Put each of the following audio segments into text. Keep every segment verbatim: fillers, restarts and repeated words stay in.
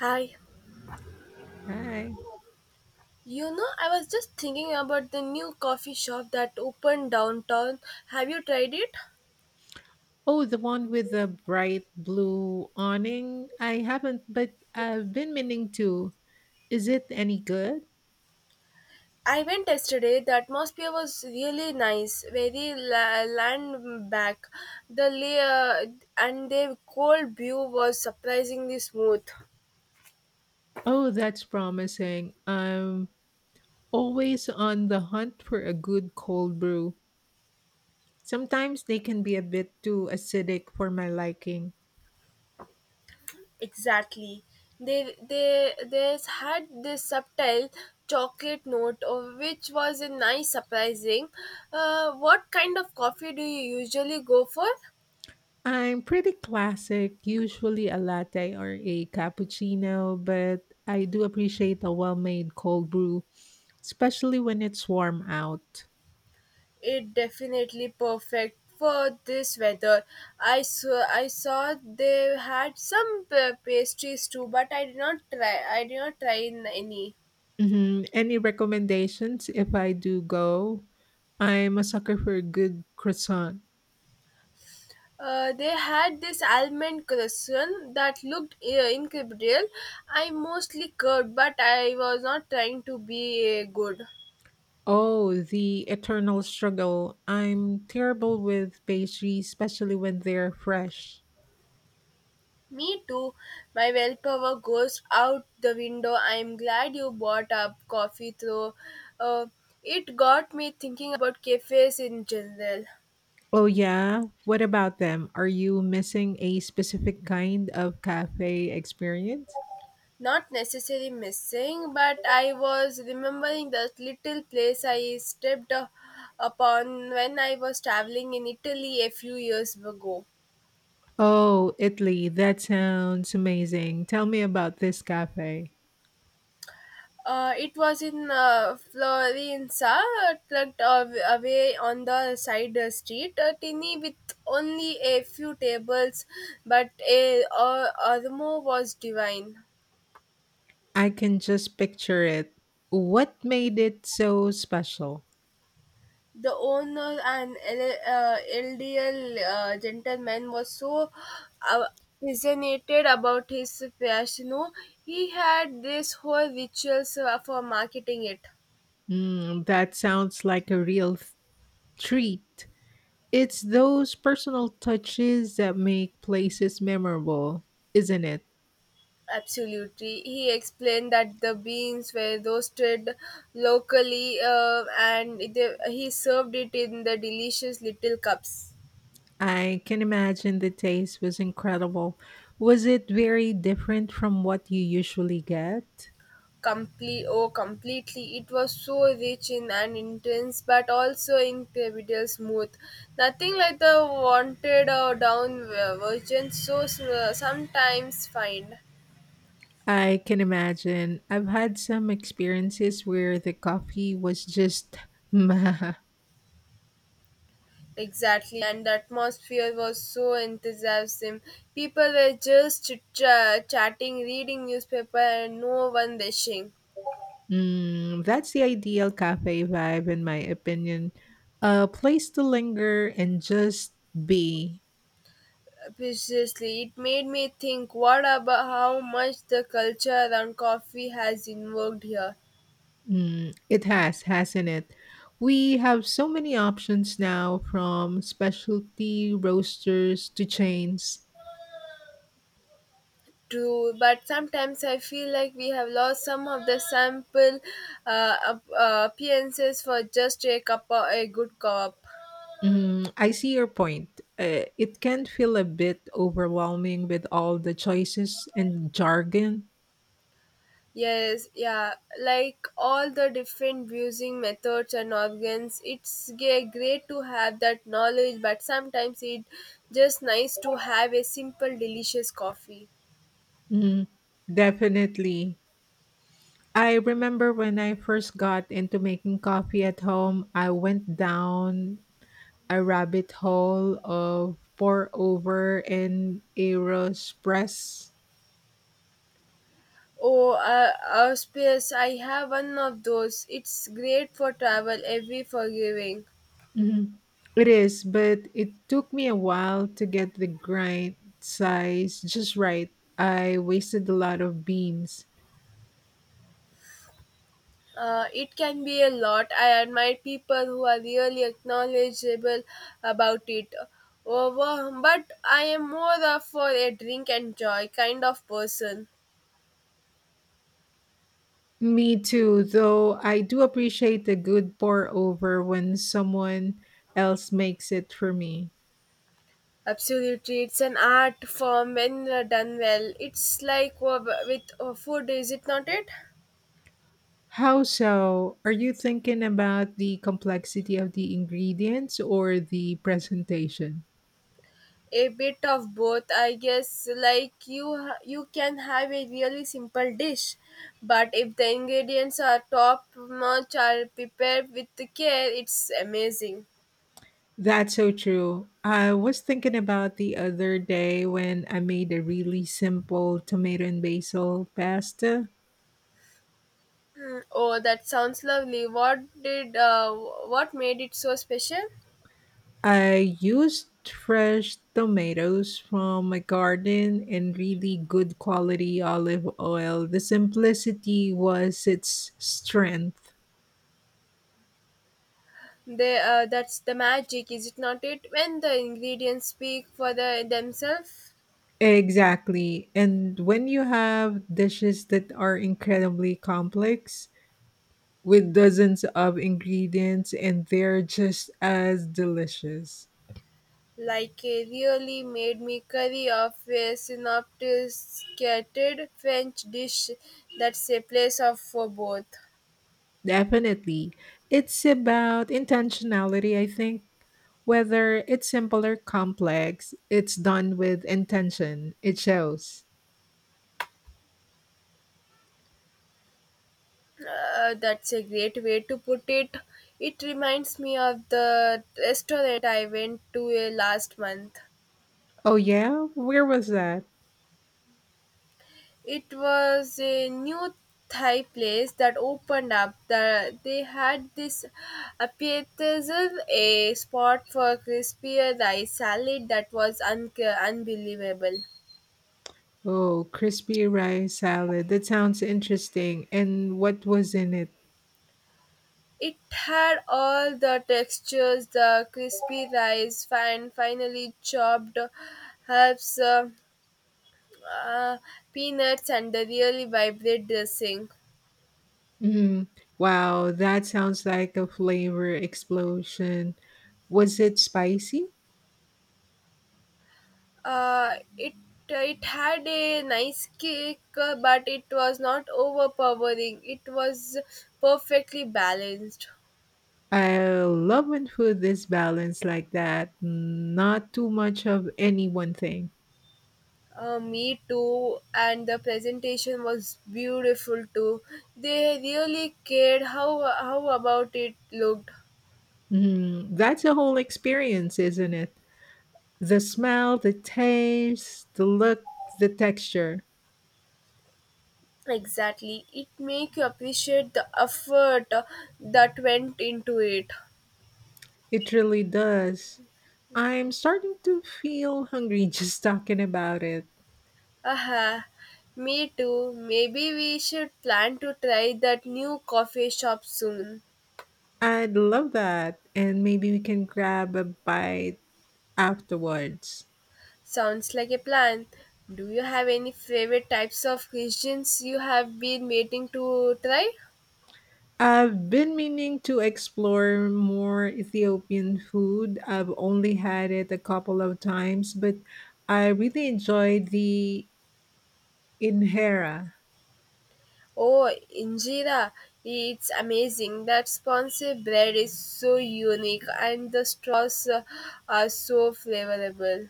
Hi. Hi. You know, I was just thinking about the new coffee shop that opened downtown. Have you tried it? Oh, the one with the bright blue awning. I haven't, but I've been meaning to. Is it any good? I went yesterday. The atmosphere was really nice, very la- land back. The layer and their cold view was surprisingly smooth. Oh, that's promising. I'm always on the hunt for a good cold brew. Sometimes they can be a bit too acidic for my liking. Exactly. They they they had this subtle chocolate note, of which was a nice surprising. Uh, what kind of coffee do you usually go for? I'm pretty classic, usually a latte or a cappuccino, but I do appreciate a well made cold brew, especially when it's warm out. It definitely perfect for this weather. I saw I saw they had some p- pastries too, but I did not try. I did not try in any. Mhm. Any recommendations if I do go? I'm a sucker for a good croissant. Uh, they had this almond croissant that looked uh, incredible. I mostly curved, but I was not trying to be uh, good. Oh, the eternal struggle. I'm terrible with pastries, especially when they're fresh. Me too. My willpower goes out the window. I'm glad you bought up coffee though. Uh, it got me thinking about cafes in general. Oh, yeah? What about them? Are you missing a specific kind of cafe experience? Not necessarily missing, but I was remembering that little place I stepped uh, upon when I was traveling in Italy a few years ago. Oh, Italy, that sounds amazing. Tell me about this cafe. Uh, it was in uh, Florenza, tucked av- away on the side uh, street, a tinny with only a few tables, but a uh, Armo was divine. I can just picture it. What made it so special? The owner, an el- uh, elderly uh, gentleman, was so uh, fascinated about his fashion. He had this whole rituals uh, for marketing it. Mm, that sounds like a real th- treat. It's those personal touches that make places memorable, isn't it? Absolutely. He explained that the beans were roasted locally uh, and they, he served it in the delicious little cups. I can imagine the taste was incredible. Was it very different from what you usually get? Complete, oh, completely. It was so rich in and intense, but also incredible smooth. Nothing like the wanted or down uh, version so uh, sometimes find. I can imagine. I've had some experiences where the coffee was just meh. Exactly, and the atmosphere was so enthusiastic. People were just ch- chatting, reading newspaper, and no one dishing. Mm, that's the ideal cafe vibe, in my opinion. A place to linger and just be. Precisely, it made me think. What about how much the culture around coffee has invoked here? Mm, it has, hasn't it? We have so many options now from specialty roasters to chains. True, but sometimes I feel like we have lost some of the sample uh, ap- uh, appearances for just a cup, of, a good cup. Mm, I see your point. Uh, it can feel a bit overwhelming with all the choices and jargon. Yes, yeah, like all the different viewing methods and organs, it's ge- great to have that knowledge, but sometimes it just nice to have a simple, delicious coffee. Mm, definitely. I remember when I first got into making coffee at home, I went down a rabbit hole of pour over and Aeropress. Oh, uh, auspice, I have one of those. It's great for travel, every forgiving. Mhm. It is, but it took me a while to get the grind size just right. I wasted a lot of beans. Uh, it can be a lot. I admire people who are really knowledgeable about it. Over, but I am more of for a drink and joy kind of person. Me too, though I do appreciate a good pour over when someone else makes it for me. Absolutely, it's an art form when uh, done well. It's like uh, with uh, food, is it not? It How so? Are you thinking about the complexity of the ingredients or the presentation? a bit of both, I guess. Like you, ha- you can have a really simple dish, but if the ingredients are top notch, are prepared with the care, it's amazing. That's so true. I was thinking about the other day when I made a really simple tomato and basil pasta. Mm, oh, that sounds lovely. What did uh, what made it so special? I used fresh tomatoes from my garden and really good quality olive oil. The simplicity was its strength. The uh, that's the magic, is it not? It when the ingredients speak for the themselves. Exactly. And when you have dishes that are incredibly complex with dozens of ingredients and they're just as delicious. Like a really made me curry of a synopticated French dish that's a place of for both. Definitely. It's about intentionality, I think. Whether it's simple or complex, it's done with intention. It shows. Uh, that's a great way to put it. It reminds me of the restaurant I went to uh, last month. Oh, yeah? Where was that? It was a new Thai place that opened up. The, they had this appetizer, a spot for crispier rice salad that was un- unbelievable. Oh, crispy rice salad. That sounds interesting. And what was in it? It had all the textures the crispy rice, fine, finely chopped herbs, uh, uh, peanuts, and the really vibrant dressing. Mm, wow, that sounds like a flavor explosion. Was it spicy? Uh, it it had a nice kick, uh, but it was not overpowering. It was perfectly balanced. I love when food is balanced like that, not too much of any one thing. Uh, me too, and the presentation was beautiful too. They really cared how how about it looked. Mm, that's a whole experience, isn't it? The smell, the taste, the look, the texture. Exactly. It make you appreciate the effort uh, that went into it. It really does. I'm starting to feel hungry just talking about it. Aha. Me too. Maybe we should plan to try that new coffee shop soon. I'd love that. And maybe we can grab a bite afterwards. Sounds like a plan. Do you have any favorite types of cuisines you have been waiting to try? I've been meaning to explore more Ethiopian food. I've only had it a couple of times, but I really enjoyed the injera. Oh, injera. It's amazing. That sponge bread is so unique and the straws uh, are so flavorable.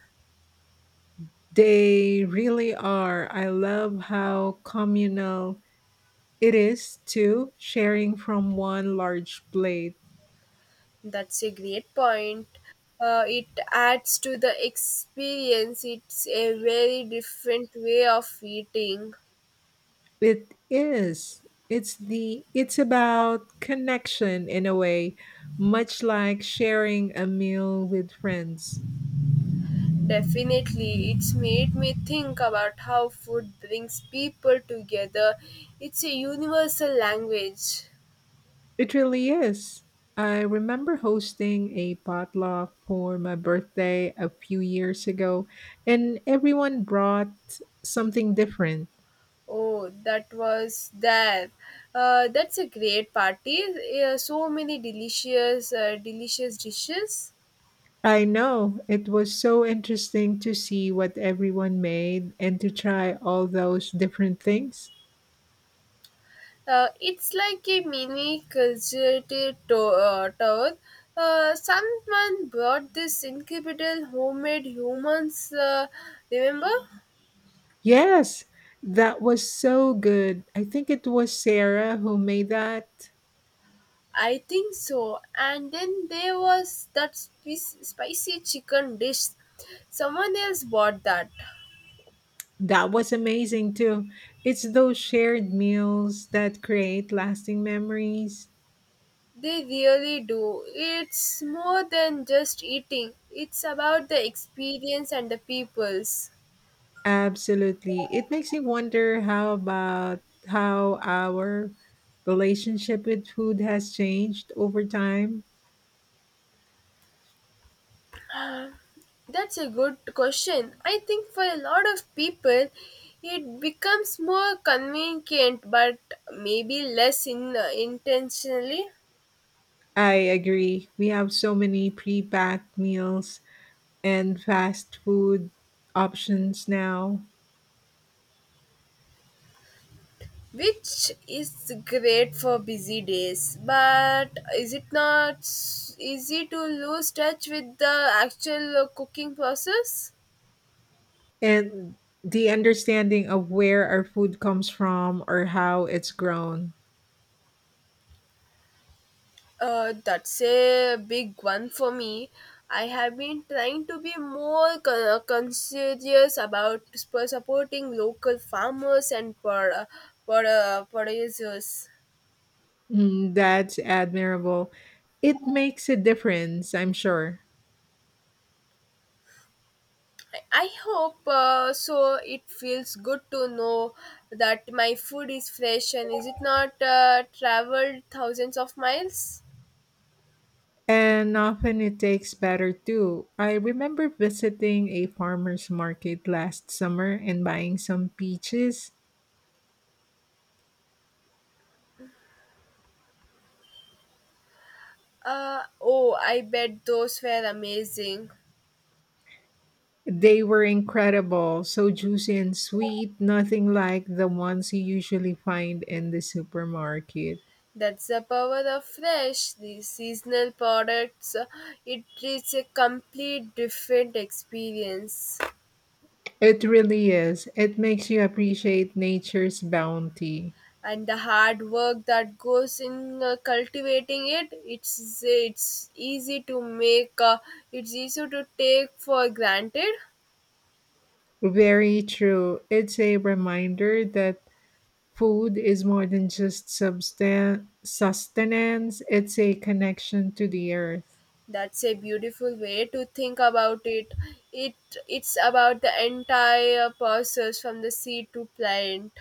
They really are. I love how communal it is too, sharing from one large plate. That's a great point. Uh, it adds to the experience. It's a very different way of eating. It is. It's the it's about connection in a way, much like sharing a meal with friends. Definitely, it's made me think about how food brings people together. It's a universal language. It really is. I remember hosting a potluck for my birthday a few years ago, and everyone brought something different. Oh, that was there. Uh, that's a great party. Uh, so many delicious, uh, delicious dishes. I know. It was so interesting to see what everyone made and to try all those different things. Uh, it's like a mini conservative to- uh, tour. Uh, someone brought this incredible homemade humans, uh, remember? Yes, that was so good. I think it was Sarah who made that. I think so. And then there was that spi- spicy chicken dish. Someone else bought that. That was amazing too. It's those shared meals that create lasting memories. They really do. It's more than just eating, it's about the experience and the peoples. Absolutely. It makes me wonder how about how our relationship with food has changed over time. That's a good question. I think for a lot of people, it becomes more convenient, but maybe less in, intentionally, I agree. We have so many pre-packed meals and fast food options now. which is great for busy days. But is it not s- easy to lose touch with the actual uh, cooking process? And the understanding of where our food comes from or how it's grown. Uh, that's a big one for me. I have been trying to be more con- conscientious about sp- supporting local farmers and pro- pro- producers. Mm, that's admirable. It makes a difference, I'm sure. I I hope uh, so. It feels good to know that my food is fresh and is it not uh, traveled thousands of miles? And often it takes better too. I remember visiting a farmer's market last summer and buying some peaches. Uh, oh, I bet those were amazing. They were incredible, so juicy and sweet, nothing like the ones you usually find in the supermarket. That's the power of fresh, the seasonal products. It is a complete different experience. It really is. It makes you appreciate nature's bounty. And the hard work that goes in uh, cultivating it, it's it's easy to make. Uh, it's easy to take for granted. Very true. It's a reminder that food is more than just substan- sustenance, it's a connection to the earth. That's a beautiful way to think about it. It it's about the entire process from the seed to plant.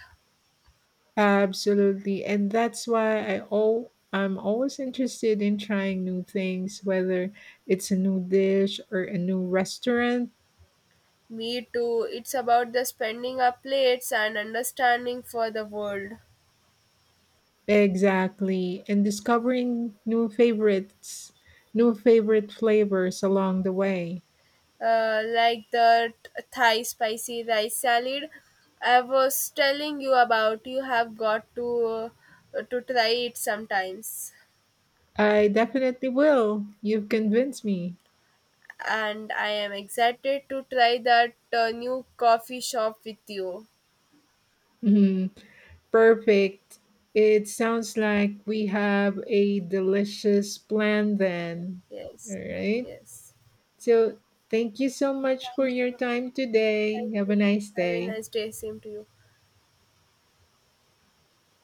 Absolutely. And that's why I al- I'm always interested in trying new things, whether it's a new dish or a new restaurant. Me too. It's about the spending our plates and understanding for the world. Exactly. And discovering new favorites, new favorite flavors along the way. Uh, like the t- Thai spicy rice salad I was telling you about. You have got to uh, to try it sometimes. I definitely will. You've convinced me. And I am excited to try that uh, new coffee shop with you. Mhm. Perfect. It sounds like we have a delicious plan then. Yes, All right. yes. So, thank you so much for Thank you. your time today. Thank Have you. a nice Have a day. nice day. Same to you.